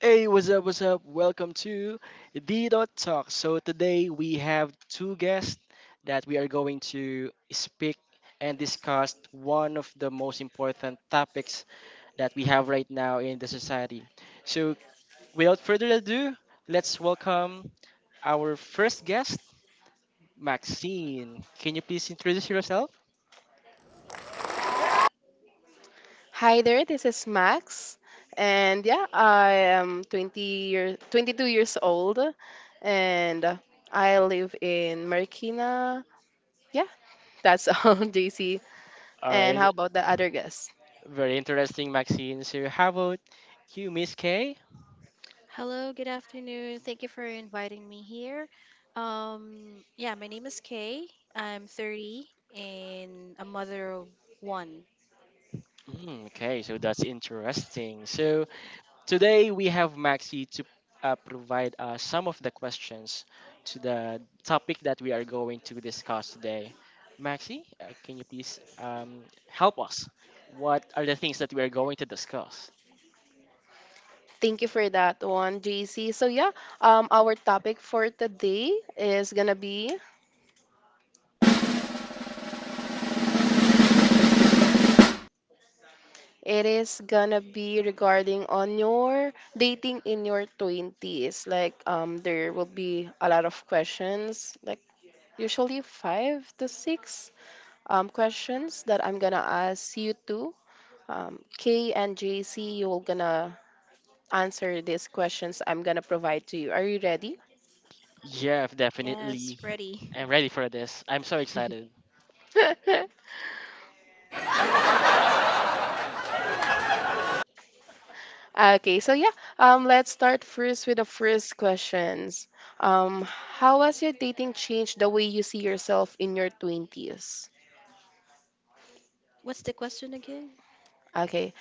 Hey, what's up? What's up? Welcome to the Dot Talk. So today we have two guests that we are going to speak and discuss one of the most important topics that we have right now in the society. So without further ado, let's welcome our first guest, Maxine. Can you please introduce yourself? Hi there, this is Max, and yeah, I am 22 years old, and I live in Marikina. Yeah, that's all, JC. All And right, how about the other guests? very interesting, Maxine. So how about you, Miss K? Hello, good afternoon. Thank you for inviting me here. Yeah, my name is Kay. I'm 30 and a mother of one. Mm, okay, so that's interesting. So today we have Maxi to provide some of the questions to the topic that we are going to discuss today. Maxi, can you please help us? What are the things that we are going to discuss? Thank you for that one, JC. So yeah, our topic for today is gonna be it is gonna be regarding on your dating in your 20s. Like there will be a lot of questions like usually five to six questions that I'm gonna ask you two. Kay and JC, you're gonna answer these questions I'm gonna provide to you. Are you ready? Yeah, Yes, definitely. ready. I'm ready for this. I'm so excited. Okay, so yeah, let's start first with the first questions. Um, how has your dating changed the way you see yourself in your 20s? What's the question again? Okay,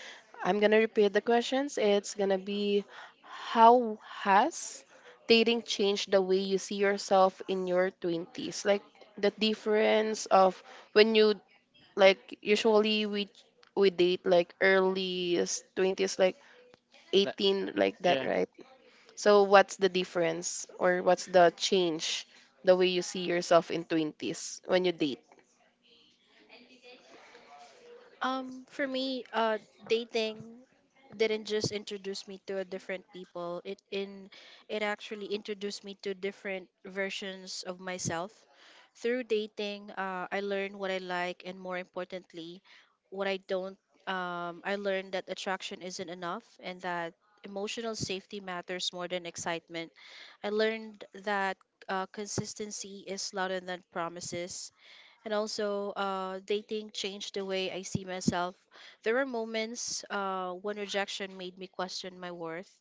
I'm gonna repeat the questions. It's gonna be how has dating changed the way you see yourself in your 20s? Like the difference of when you, like, usually we date like early 20s like Le- 18, like that, yeah. right? So what's the difference, or what's the change the way you see yourself in 20s when you date? For me, dating didn't just introduce me to a different people. It actually introduced me to different versions of myself. Through dating, I learned what I like, and more importantly, what I don't. I learned that attraction isn't enough, and that emotional safety matters more than excitement. I learned that consistency is louder than promises. And also, dating changed the way I see myself. There were moments when rejection made me question my worth,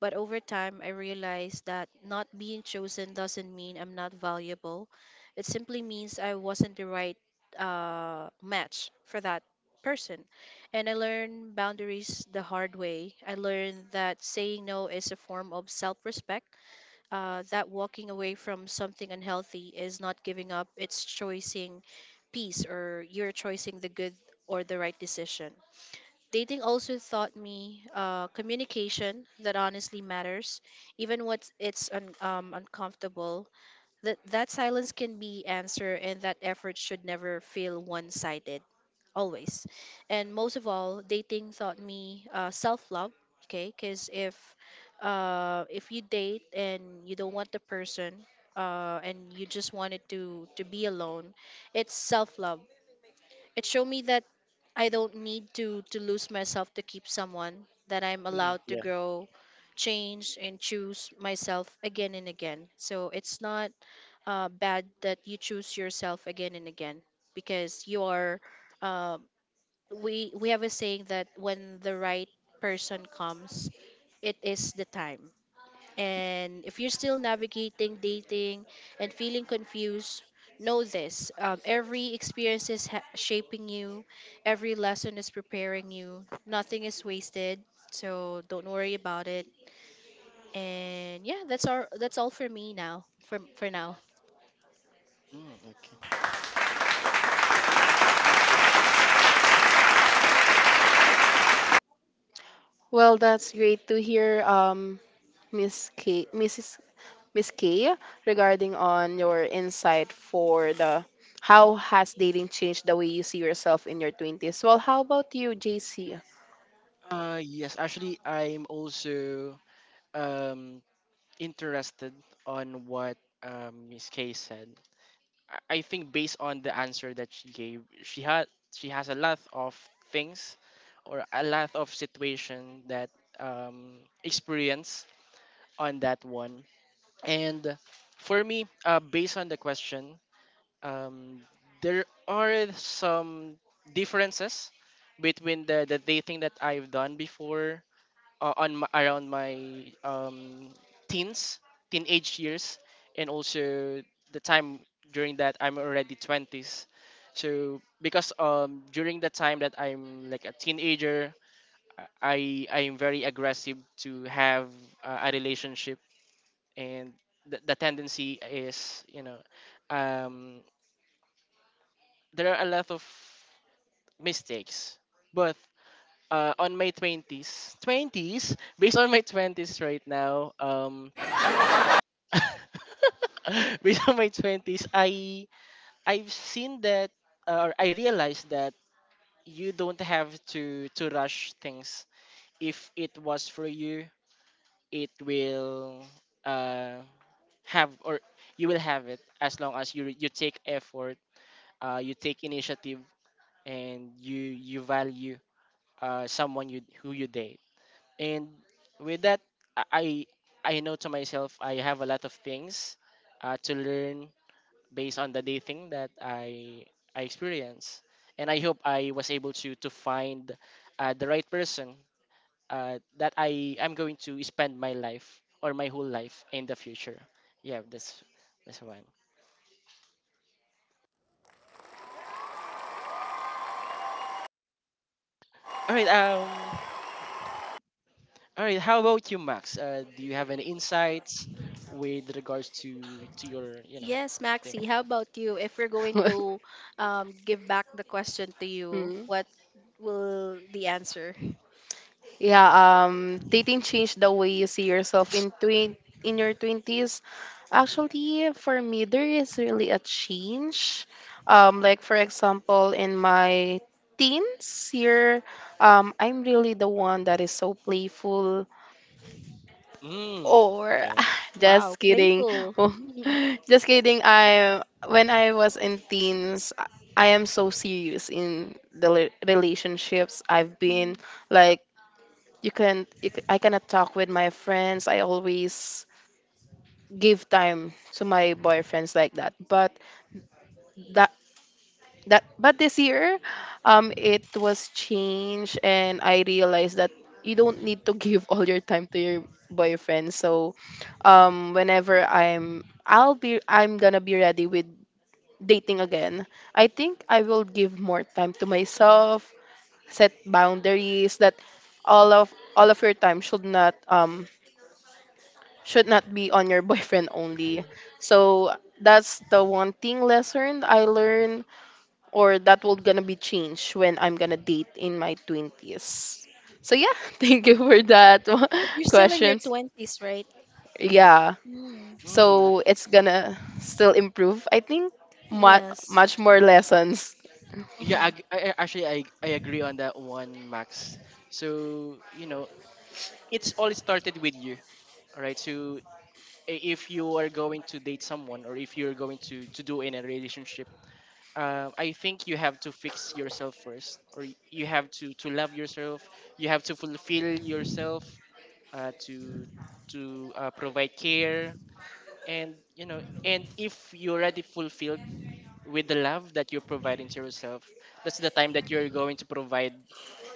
but over time I realized that not being chosen doesn't mean I'm not valuable. It simply means I wasn't the right match for that person. And I learned boundaries the hard way. I learned that saying no is a form of self-respect, that walking away from something unhealthy is not giving up, it's choosing peace, or you're choosing the good or the right decision. Dating also taught me communication that honestly matters, even when it's uncomfortable. That silence can be answer, and that effort should never feel one-sided always. And most of all, dating taught me self love. Okay, because if you date and you don't want the person, and you just wanted to be alone, it's self love. It showed me that I don't need to lose myself to keep someone. That I'm Mhm, allowed to yeah. grow, change, and choose myself again and again. So it's not bad that you choose yourself again and again, because you are. Um, we have a saying that when the right person comes, it is the time. And if you're still navigating dating and feeling confused, know this: every experience is shaping you, every lesson is preparing you. Nothing is wasted, so don't worry about it. And yeah, that's all for me now. For now. Mm, okay. Well, that's great to hear, um, Miss K Mrs. Miss Kay, regarding on your insight for the how has dating changed the way you see yourself in your 20s. Well, how about you, JC? Yes, actually, I'm also um, interested on what Miss Kay said. I think based on the answer that she gave, she has a lot of things or a lot of situation that experience on that one. And for me, based on the question, um, there are some differences between the dating that I've done before on my, around my um, teens, teenage years, and also the time during that I'm already 20s. So because during the time that I'm like a teenager, I am very aggressive to have a relationship, and the tendency is um, there are a lot of mistakes, but on my 20s based on my 20s right now before my 20s, I've seen that or I realized that you don't have to rush things. If it was for you, it will uh have or you will have it as long as you take effort, you take initiative and you value someone you who you date. And with that I I know to myself I have a lot of things to learn based on the dating that I experienced, and I hope I was able to find the right person that I am going to spend my life or my whole life in the future. Yeah, that's one. All right. All right. How about you, Max? Do you have any insights with regards to your Yes, thing? Maxi, how about you? If we're going to give back the question to you, Mm. what will the answer? Yeah, dating changed the way you see yourself in in your twenties. Actually, for me, there is really a change. Like for example, in my teens year, I'm really the one that is so playful. Mm. Or Okay. just Wow, kidding. playful. Oh, just kidding. I When I was in teens, I am so serious in the relationships I've been, Mm. like, you can you, c- I cannot talk with my friends. I always give time to my boyfriends, like that. But that this year, um, it was changed, and I realized that you don't need to give all your time to your boyfriend. So um, whenever I'm gonna be ready with dating again, I think I will give more time to myself, set boundaries, that all of all of your time should not, um, should not be on your boyfriend only. So that's the one thing lesson I learned, or that will gonna be changed when I'm gonna date in my 20s. So yeah, thank you for But you're still in your questions. 20s, right? Yeah. Mm. Mm, So it's gonna still improve, I think. Mu- Yes. much more lessons. yeah, I, Hmm. g- I- actually I agree on that one, Max. So, you know, it's all started with you, all right. So if you are going to date someone or if you're going to do in a relationship, I think you have to fix yourself first or you have to love yourself, you have to fulfill yourself uh, to to provide care. And you know, and if you're already fulfilled with the love that you're providing to yourself, that's the time that you're going to provide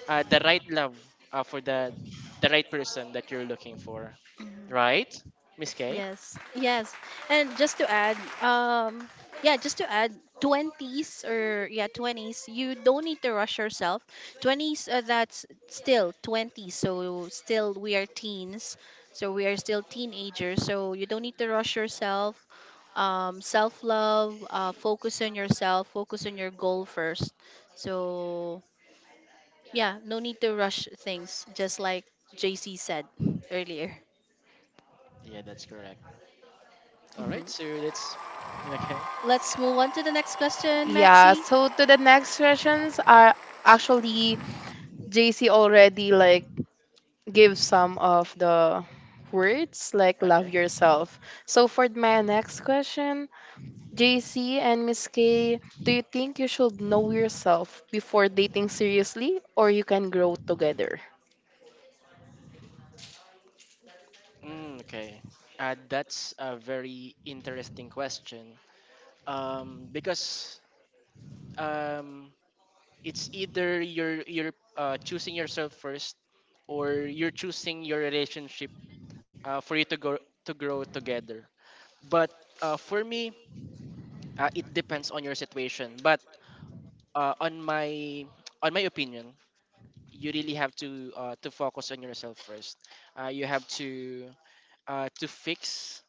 the right love for the right person that you're looking for, Hmm. right, Miss K? Yes, yes. And just to add, yeah, just to add, 20s, or yeah, 20s, you don't need to rush yourself. 20s, that's still 20, so still we are teens, so we are still teenagers, so you don't need to rush yourself. Self love, focus on yourself, focus on your goal first. So, yeah, no need to rush things, just like JC said earlier. Yeah, that's correct. All right, so let's. Okay, Let's move on to the next question, Yeah, Maxi. so to the next questions are actually JC already, like, give some of the words, like, love okay, yourself. So for my next question, JC and Miss K, do you think you should know yourself before dating seriously, or you can grow together? mm, okay. That's a very interesting question. Because um, it's either you're choosing yourself first, or you're choosing your relationship for you to go to grow together. But for me, it depends on your situation. But on my on my opinion, you really have to focus on yourself first. You have to fix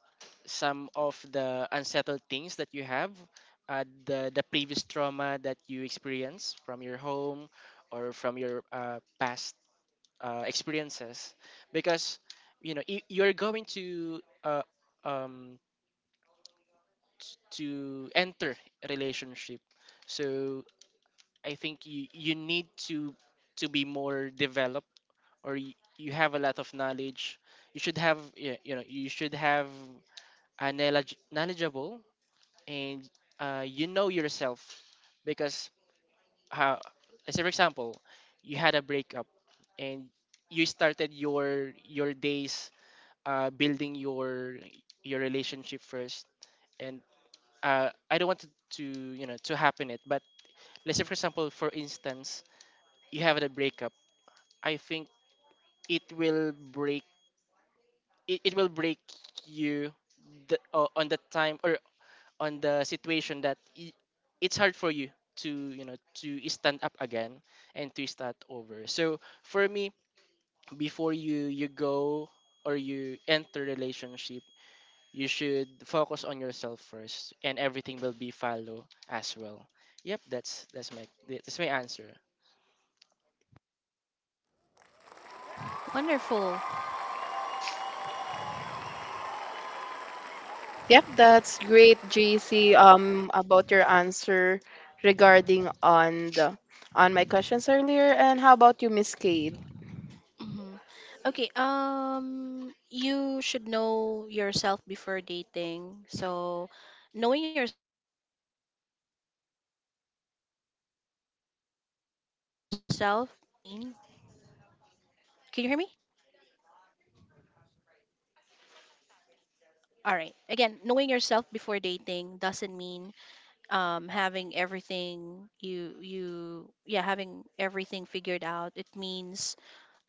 some of the unsettled things that you have, the previous trauma that you experience from your home or from your past experiences, because you're going to um, to enter a relationship. So I think you need to be more developed or you have a lot of knowledge. You should have yeah, you know you should have a knowledge, knowledgeable and you know yourself. Because how, let's say for example you had a breakup and you started your days building your relationship first, and I don't want to you know to happen it but let's say for example for instance you have a breakup, I think it will break it will break you, the, on the time or on the situation that I it's hard for you to you know to stand up again and to start over. So for me, before you go or you enter relationship, you should focus on yourself first, and everything will be follow as well. Yep, that's my answer. Wonderful. Yep, that's great, JC. About your answer regarding on the on my questions earlier, and how about you, Miss K? Hmm. Okay, you should know yourself before dating. So, knowing yourself, actually, knowing yourself before dating doesn't mean— can you hear me? All right. Again, knowing yourself before dating doesn't mean having everything you you yeah, having everything figured out. It means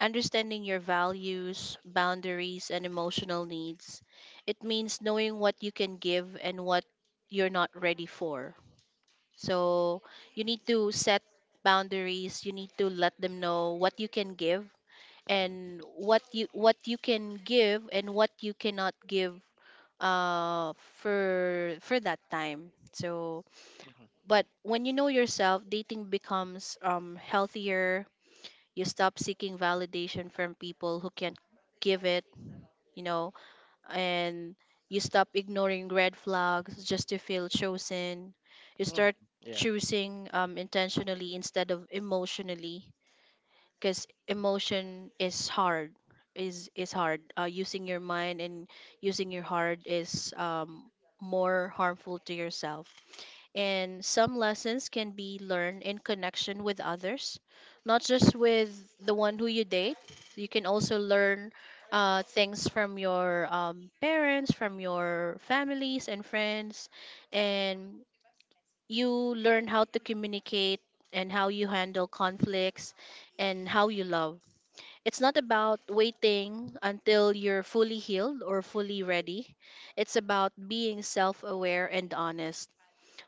understanding your values, boundaries, and emotional needs. It means knowing what you can give and what you're not ready for. So you need to set boundaries, you need to let them know what you can give Mhm, and what you can give and what you cannot give for that time. So, mhm, but when you know yourself, dating becomes healthier. You stop seeking validation from people who can't give it, you know, and you stop ignoring red flags just to feel chosen. You mhm. start Yeah. choosing intentionally instead of emotionally, because emotion is hard, using your mind and using your heart is more harmful to yourself. And some lessons can be learned in connection with others, not just with the one who you date. You can also learn things from your parents, from your families and friends, and you learn how to communicate, and how you handle conflicts, and how you love. It's not about waiting until you're fully healed or fully ready. It's about being self aware and honest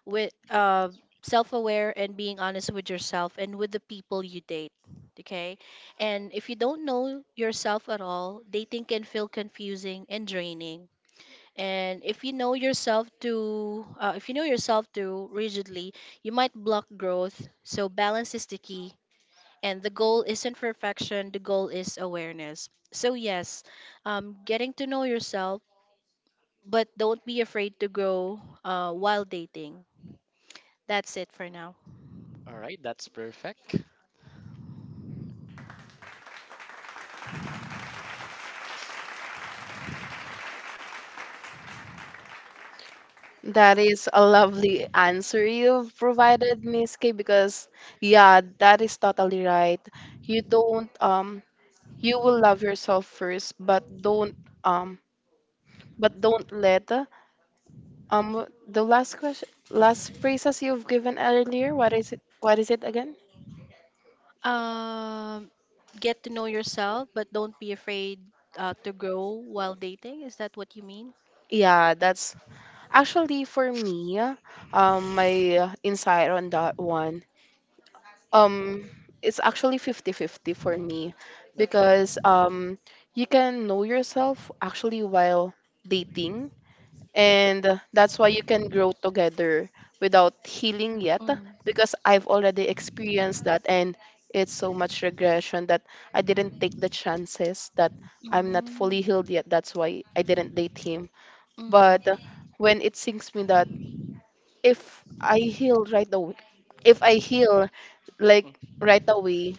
with Yeah. Self-aware and being honest with yourself and with the people you date. Okay, and if you don't know yourself at all, dating can feel confusing and draining. And if you know yourself too if you know yourself too rigidly, you might block growth. So balance is the key, and the goal isn't perfection, the goal is awareness. So yes, getting to know yourself, but don't be afraid to grow while dating. That's it for now. All right. That's perfect. That is a lovely answer you've provided, Miss K, because yeah, that is totally right. You don't, um, you will love yourself first, but don't, um, but don't let, um, the last question, last phrases you've given earlier, what is it? What is it again? Um, get to know yourself, but don't be afraid to grow while dating. Is that what you mean? Yeah, that's actually for me. My insight on that one. Um, it's actually 50-50 for me Okay. because, you can know yourself actually while dating, and that's why you can grow together without healing yet, Mm, because I've already experienced that, and it's so much regression that I didn't take the chances that I'm not fully mm, healed yet. That's why I didn't date him. But mm, when it sinks me that if I heal right away if I heal, like, right away,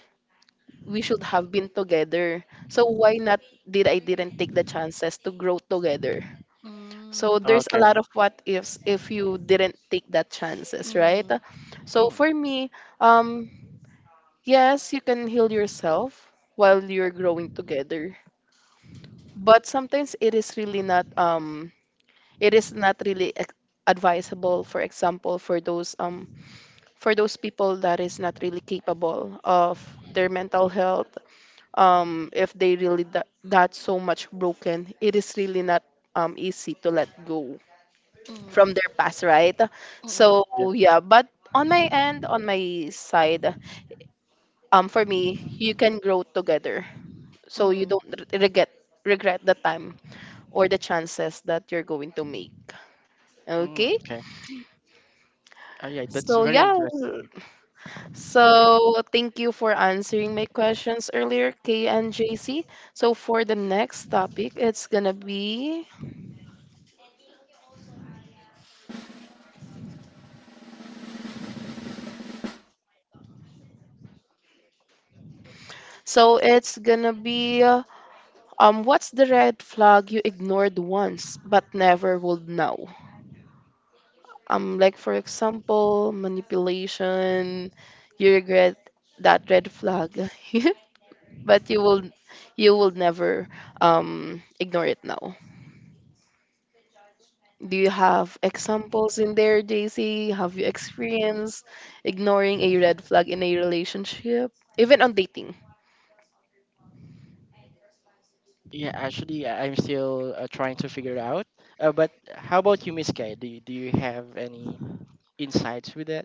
we should have been together. So why not didn't take the chances to grow together? So mm, there's a lot Okay. of what ifs if you didn't take that chances, right? mm, So for Mm, me, um, yes, you can heal yourself while you're growing together, but sometimes it is really not, it is not really advisable. For example, for those, for those people that is not really capable of their mental health, if they really that so much broken, it is really not, easy to let go from their mm, past, right? mm, So yeah. yeah, but on my end, on my side, for me, you can grow together, so you mm. don't regret, the time or the chances that you're going to make. Mm, Okay, okay. Yeah, that's so very yeah, interesting. so thank you for answering my questions earlier, K and JC. So for the next topic, it's gonna be so it's gonna be, what's the red flag you ignored once but never would now? Um, like for example, manipulation. You regret that red flag but you will never, um, ignore it now. Do you have examples in there, JC? Have you experienced ignoring a red flag in a relationship, even on dating? Yeah, actually, I'm still trying to figure out. But how about you, Miss Kay? Do do you have any insights with that?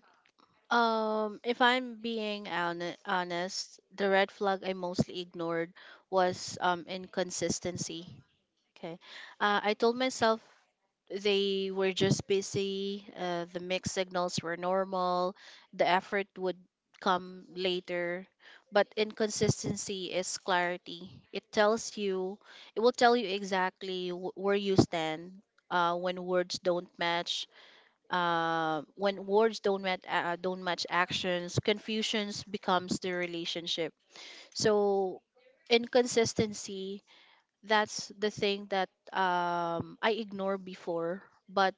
If I'm being honest, the red flag I mostly ignored was inconsistency. Okay. I told myself they were just busy, the mixed signals were normal, the effort would come later. But inconsistency is clarity. It will tell you exactly where you stand when words don't match. Uh, don't match actions, confusions becomes the relationship. So inconsistency, that's the thing that I ignore before, but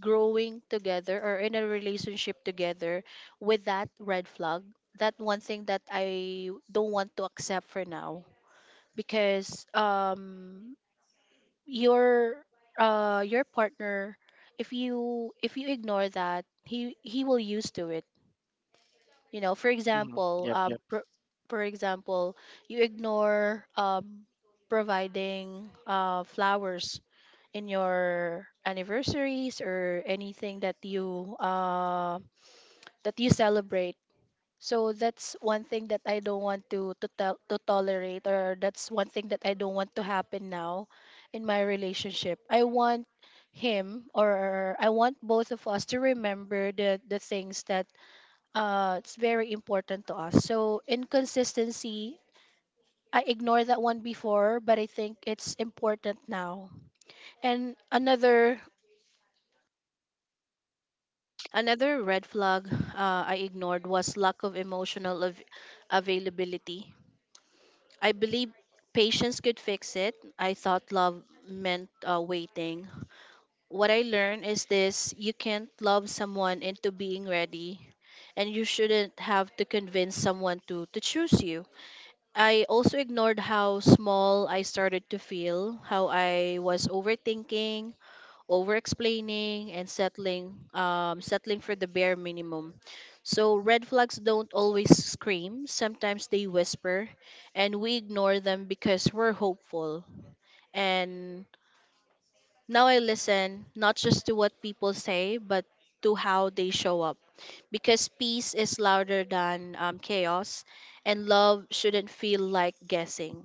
growing together or in a relationship together with that red flag, that one thing that I don't want to accept for now, because your your partner, if you ignore that, he will used to it. You know, for Mm, example, yep, yep. For example, you ignore providing flowers in your anniversaries or anything that you celebrate. So that's one thing that I don't want to tolerate, or that's one thing that I don't want to happen now in my relationship. I want him, or I want both of us, to remember the things that it's very important to us. So inconsistency, I ignored that one before, but I think it's important now. And another another red flag I ignored was lack of emotional availability. I believe patience could fix it. I thought love meant waiting. What I learned is this: you can't love someone into being ready, and you shouldn't have to convince someone to choose you. I also ignored how small I started to feel, how I was overthinking, over explaining, and settling, settling for the bare minimum. So, red flags don't always scream, sometimes they whisper, and we ignore them because we're hopeful. And now I listen not just to what people say, but to how they show up. Because peace is louder than chaos, and love shouldn't feel like guessing.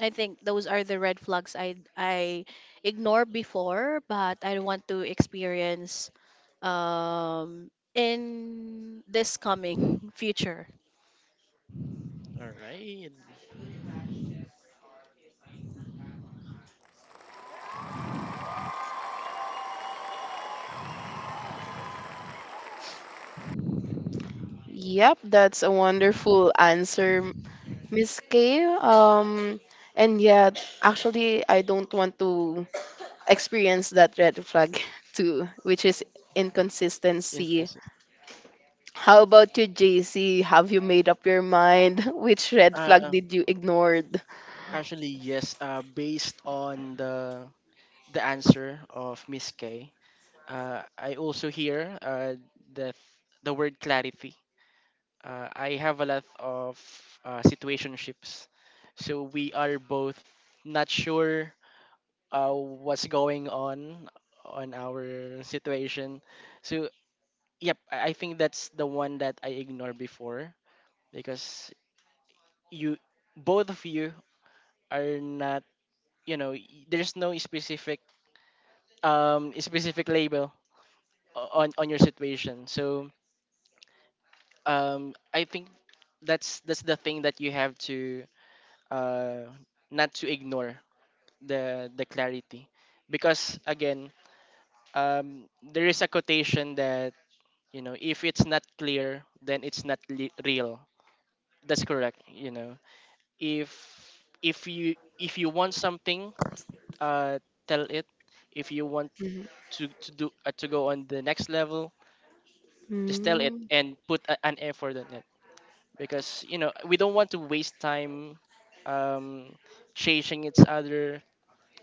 I think those are the red flags I ignored before, but I want to experience um in this coming future. All right. Yep, that's a wonderful answer, Miss K. Um, and yeah, actually I don't want to experienced that red flag too, which is inconsistency. Inconsistent. How about you, JC? Have you made up your mind? Which red flag Uh, did you ignored? actually, yes. Based on the answer of Miss Kay, I also hear the the word clarity. Uh, I have a lot of situationships. So we are both not sure what's going on our situation. So yep, I think that's the one that I ignored before because you, both of you are not, you know there's no specific specific label on your situation. So I think that's the thing that you have to uh, not to ignore the clarity, because again um, there is a quotation that you know if it's not clear then it's not real, that's correct. You know, if if you want something uh, tell it. If you want Mhm. To do to go on the next level, just tell it Mm. and put a, an effort on it because you know we don't want to waste time um, chasing each other,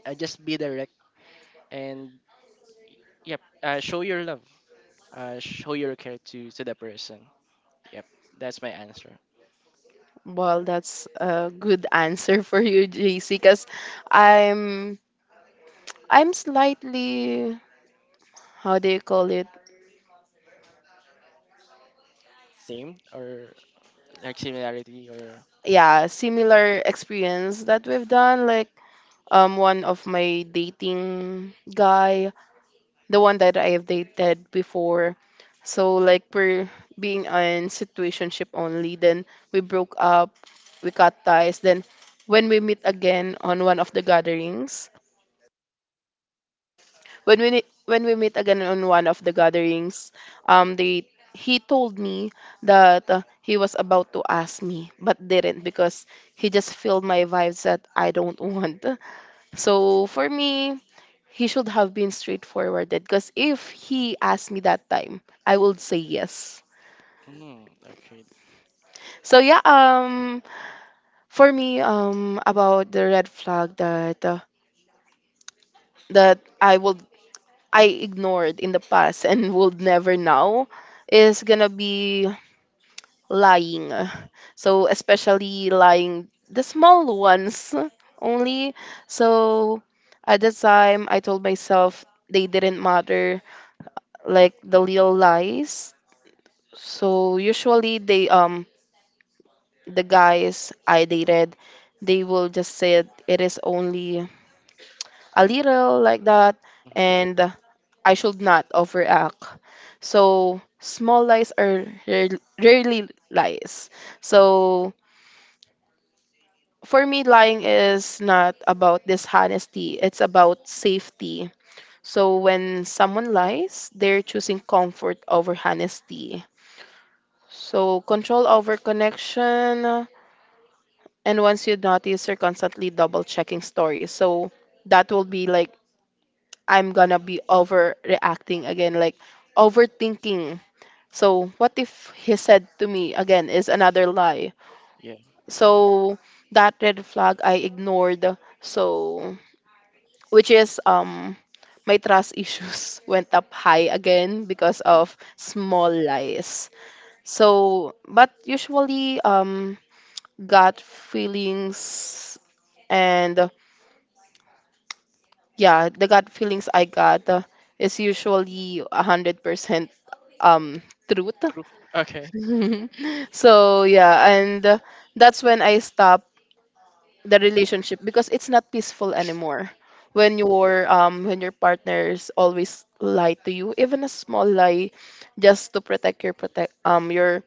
just be direct and yep show your love show your care to the person. Yep, that's my answer. Well, that's a good answer for you, JC, because I'm I'm slightly, how do you call it? Same or like similarity or Yeah, similar experience that we've done. Like, one of my dating guy, the one that I have dated before. So like, we're being in situationship only. Then we broke up, we cut ties. Then when we meet again on one of the gatherings, when we meet again on one of the gatherings, they he told me that, he was about to ask me but didn't because he just filled my vibes that I don't want. So for me, he should have been straightforward, because if he asked me that time, I would say yes. mm, okay, So yeah, um, for me, um, about the red flag that, that i would I ignored in the past and would never now, is gonna be lying. So especially lying, the small ones only. So at the time, I told myself they didn't matter, like the little lies. So usually they, um, the guys I dated, they will just say it, it is only a little, like that, mhm, and I should not overact. So small lies are rarely lies. So for me, lying is not about dishonesty, it's about safety. So when someone lies, they're choosing comfort over honesty, so control over connection. And once you notice, you're constantly double checking stories. So that will be like, I'm gonna be overreacting again, like overthinking. So what if he said to me again is another lie? yeah, So that red flag I ignored. So which is, um, my trust issues went up high again because yeah, of small lies. So but usually, um, gut feelings, and yeah, the gut feelings I got, is usually 100%, um, truth. true, okay, So yeah, and that's when I stop the relationship, because it's not peaceful anymore when your, um, when your partners always lie to you, even a small lie, just to protect your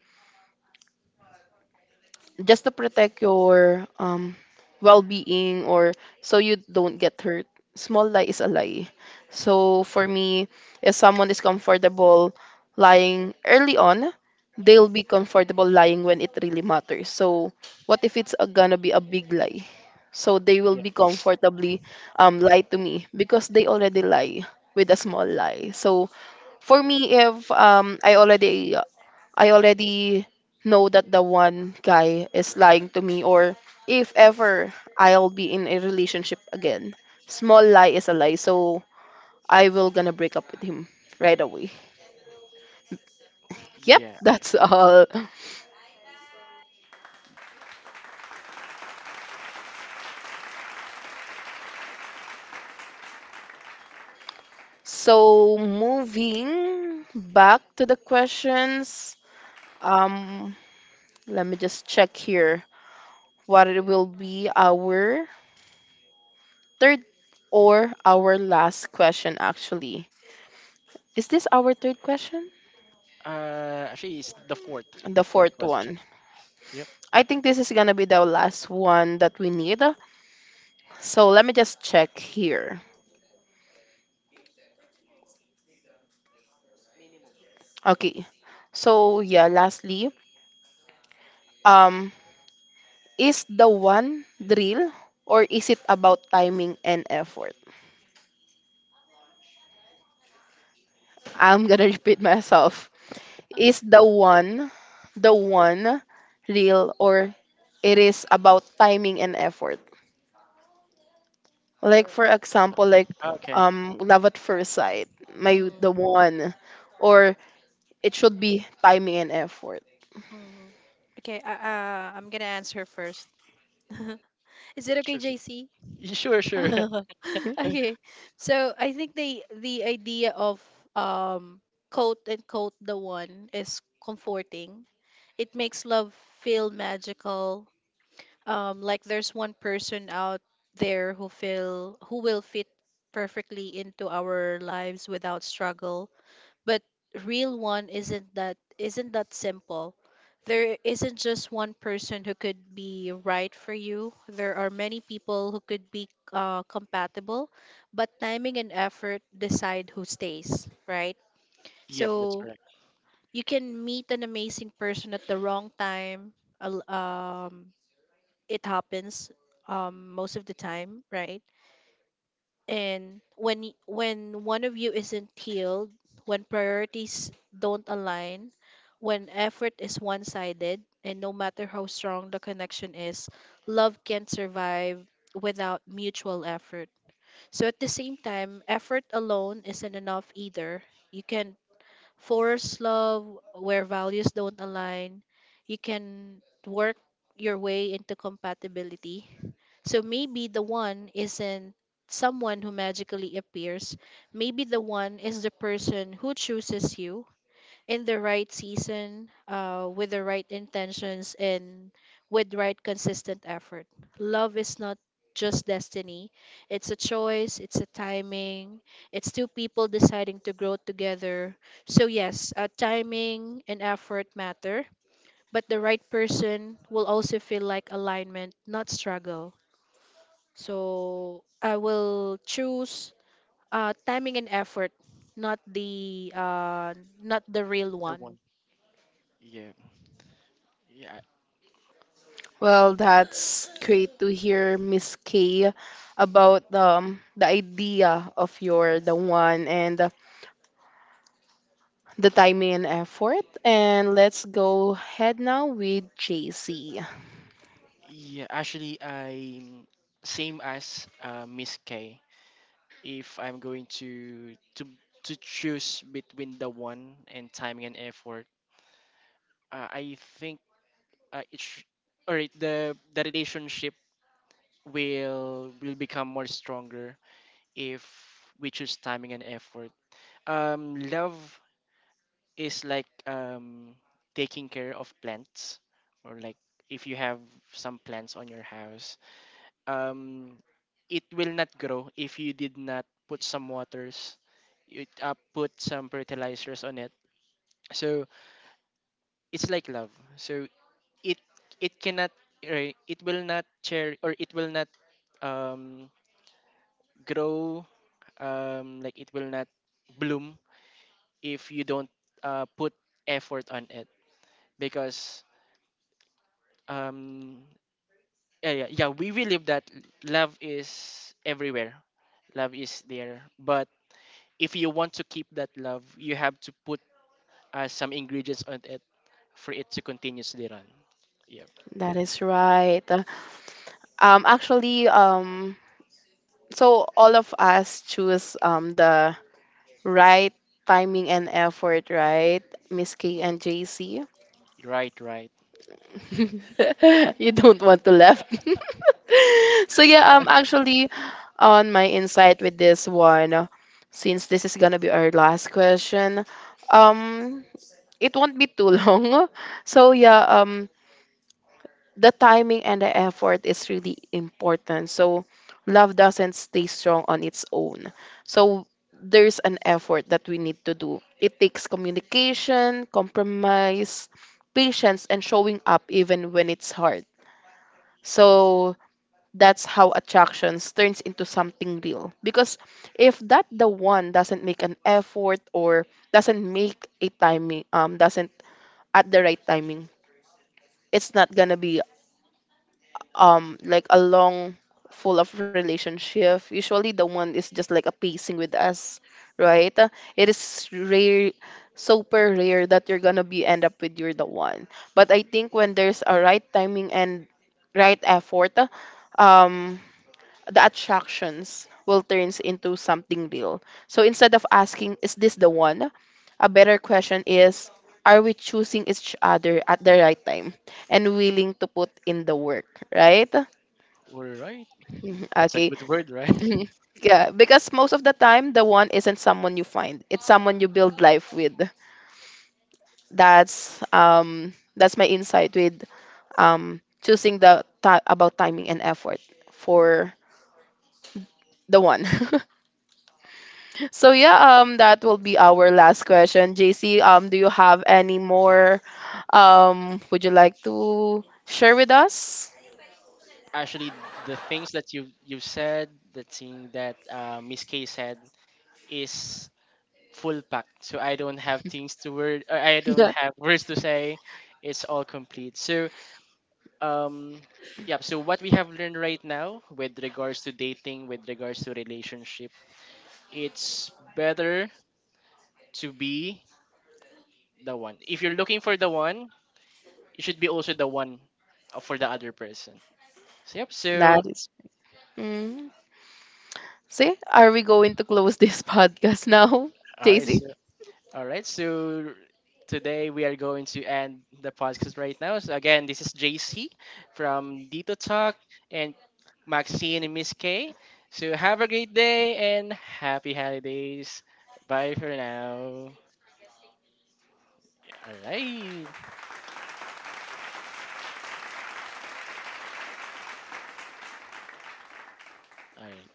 just to protect your, um, well-being, or so you don't get hurt. Small lie is a lie. So for me, if someone is comfortable lying early on, they'll be comfortable lying when it really matters. So what if it's gonna be a big lie? So they will yeah, be comfortably, um, lie to me because they already lie with a small lie. So for me, if, um, I already know that the one guy is lying to me, or if ever I'll be in a relationship again, small lie is a lie, so I will gonna break up with him right away. Yep, yeah, yeah. that's all. So moving back to the questions. Um, let me just check here what it will be. Our third or our last question, actually. Is this our third question? Actually it's the fourth, the The fourth fourth question. one. Yep. I think this is gonna be the last one that we need. So let me just check here. Okay. So yeah, lastly, um, is the one drill, or is it about timing and effort? I'm gonna repeat myself. Uh-huh. Is the one real, or it is about timing and effort? Like Or for example, like, Ah, okay. um, love at first sight, may mm, the one, or it should be timing and effort. mm. Okay, I'm gonna answer first. Is it okay, Sure, sure. JC? Sure, sure. Okay, so I think the idea of um quote unquote the one is comforting. It makes love feel magical, like there's one person out there who feel who will fit perfectly into our lives without struggle. But real one isn't that simple. There isn't just one person who could be right for you, there are many people who could be compatible, but timing and effort decide who stays right. Yep, that's So correct. you can meet an amazing person at the wrong time. al- um it happens, most of the time, right? And when when one of you isn't healed, when priorities don't align, when effort is one-sided, and no matter how strong the connection is, love can't survive without mutual effort. So at the same time, effort alone isn't enough either. You can force love where values don't align. You can work your way into compatibility. So maybe the one isn't someone who magically appears. Maybe the one is the person who chooses you in the right season, with the right intentions, and with right consistent effort. Love is not just destiny. It's a choice, it's a timing, it's two people deciding to grow together. So, yes, timing and effort matter, but the right person will also feel like alignment, not struggle. So I will choose timing and effort, not the not the real The one. one. Yeah, yeah, Well, that's great to hear, Miss K, about, the idea of your the one, and the timing and effort. And let's go ahead now with JC. yeah actually I'm same as Miss K. If I'm going to choose between the one and timing and effort, I think uh, it sh- all right, the relationship will become more stronger if we choose timing and effort. Love is like taking care of plants or like if you have some plants on your house um, it will not grow if you did not put some waters, you put some fertilizers on it. So it's like love. So it it cannot it will not cherry or it will not um, grow like it will not bloom if you don't put effort on it because um, yeah we believe that love is everywhere, love is there, but if you want to keep that love, you have to put some ingredients on it for it to continuously run. Yeah, That is right. Actually, so all of us choose, um, the right timing and effort, right, Miss K and JC? right, right. You don't want to laugh. So Uh, yeah, um, actually on my insight with this one, since this is gonna be our last question, um, it won't be too long. So yeah, um, the timing and the effort is really important. So love doesn't stay strong on its own. So there's an effort that we need to do. It takes communication, compromise, patience, and showing up even when it's hard. So that's how attractions turns into something real. Because if that the one doesn't make an effort, or doesn't make a timing, doesn't at the right timing, it's not gonna be, um, like a long full of relationship. Usually the one is just like a pacing with us, right? It is rare, super rare, that you're gonna be end up with you're the one. But I think when there's a right timing and right effort, um the attractions will turns into something real. So instead of asking, is this the one? A better question is, are we choosing each other at the right time and willing to put in the work, right? all right, Mhm. that's a Okay. good word, right? Yeah, because most of the time, the one isn't someone you find; it's someone you build life with. That's um, that's my insight with, um, choosing the ti about timing and effort for the one. So yeah, that will be our last question. JC, do you have any more? Would you like to share with us? Actually, the things that you said, the thing that Miss K said is full packed. So I don't have things to word. Uh, I don't have words to say. It's all complete. So um, yeah. So what we have learned right now with regards to dating, with regards to relationship, it's better to be the one. If you're looking for the one, you should be also the one for the other person. So yep. That So is. Mm. See, are we going to close this podcast now, all right. JC? So all right. So today we are going to end the podcast right now. So again, this is JC from Dito Talk and Maxine and Miss K. So have a great day and happy holidays. Bye for now. All right. All right.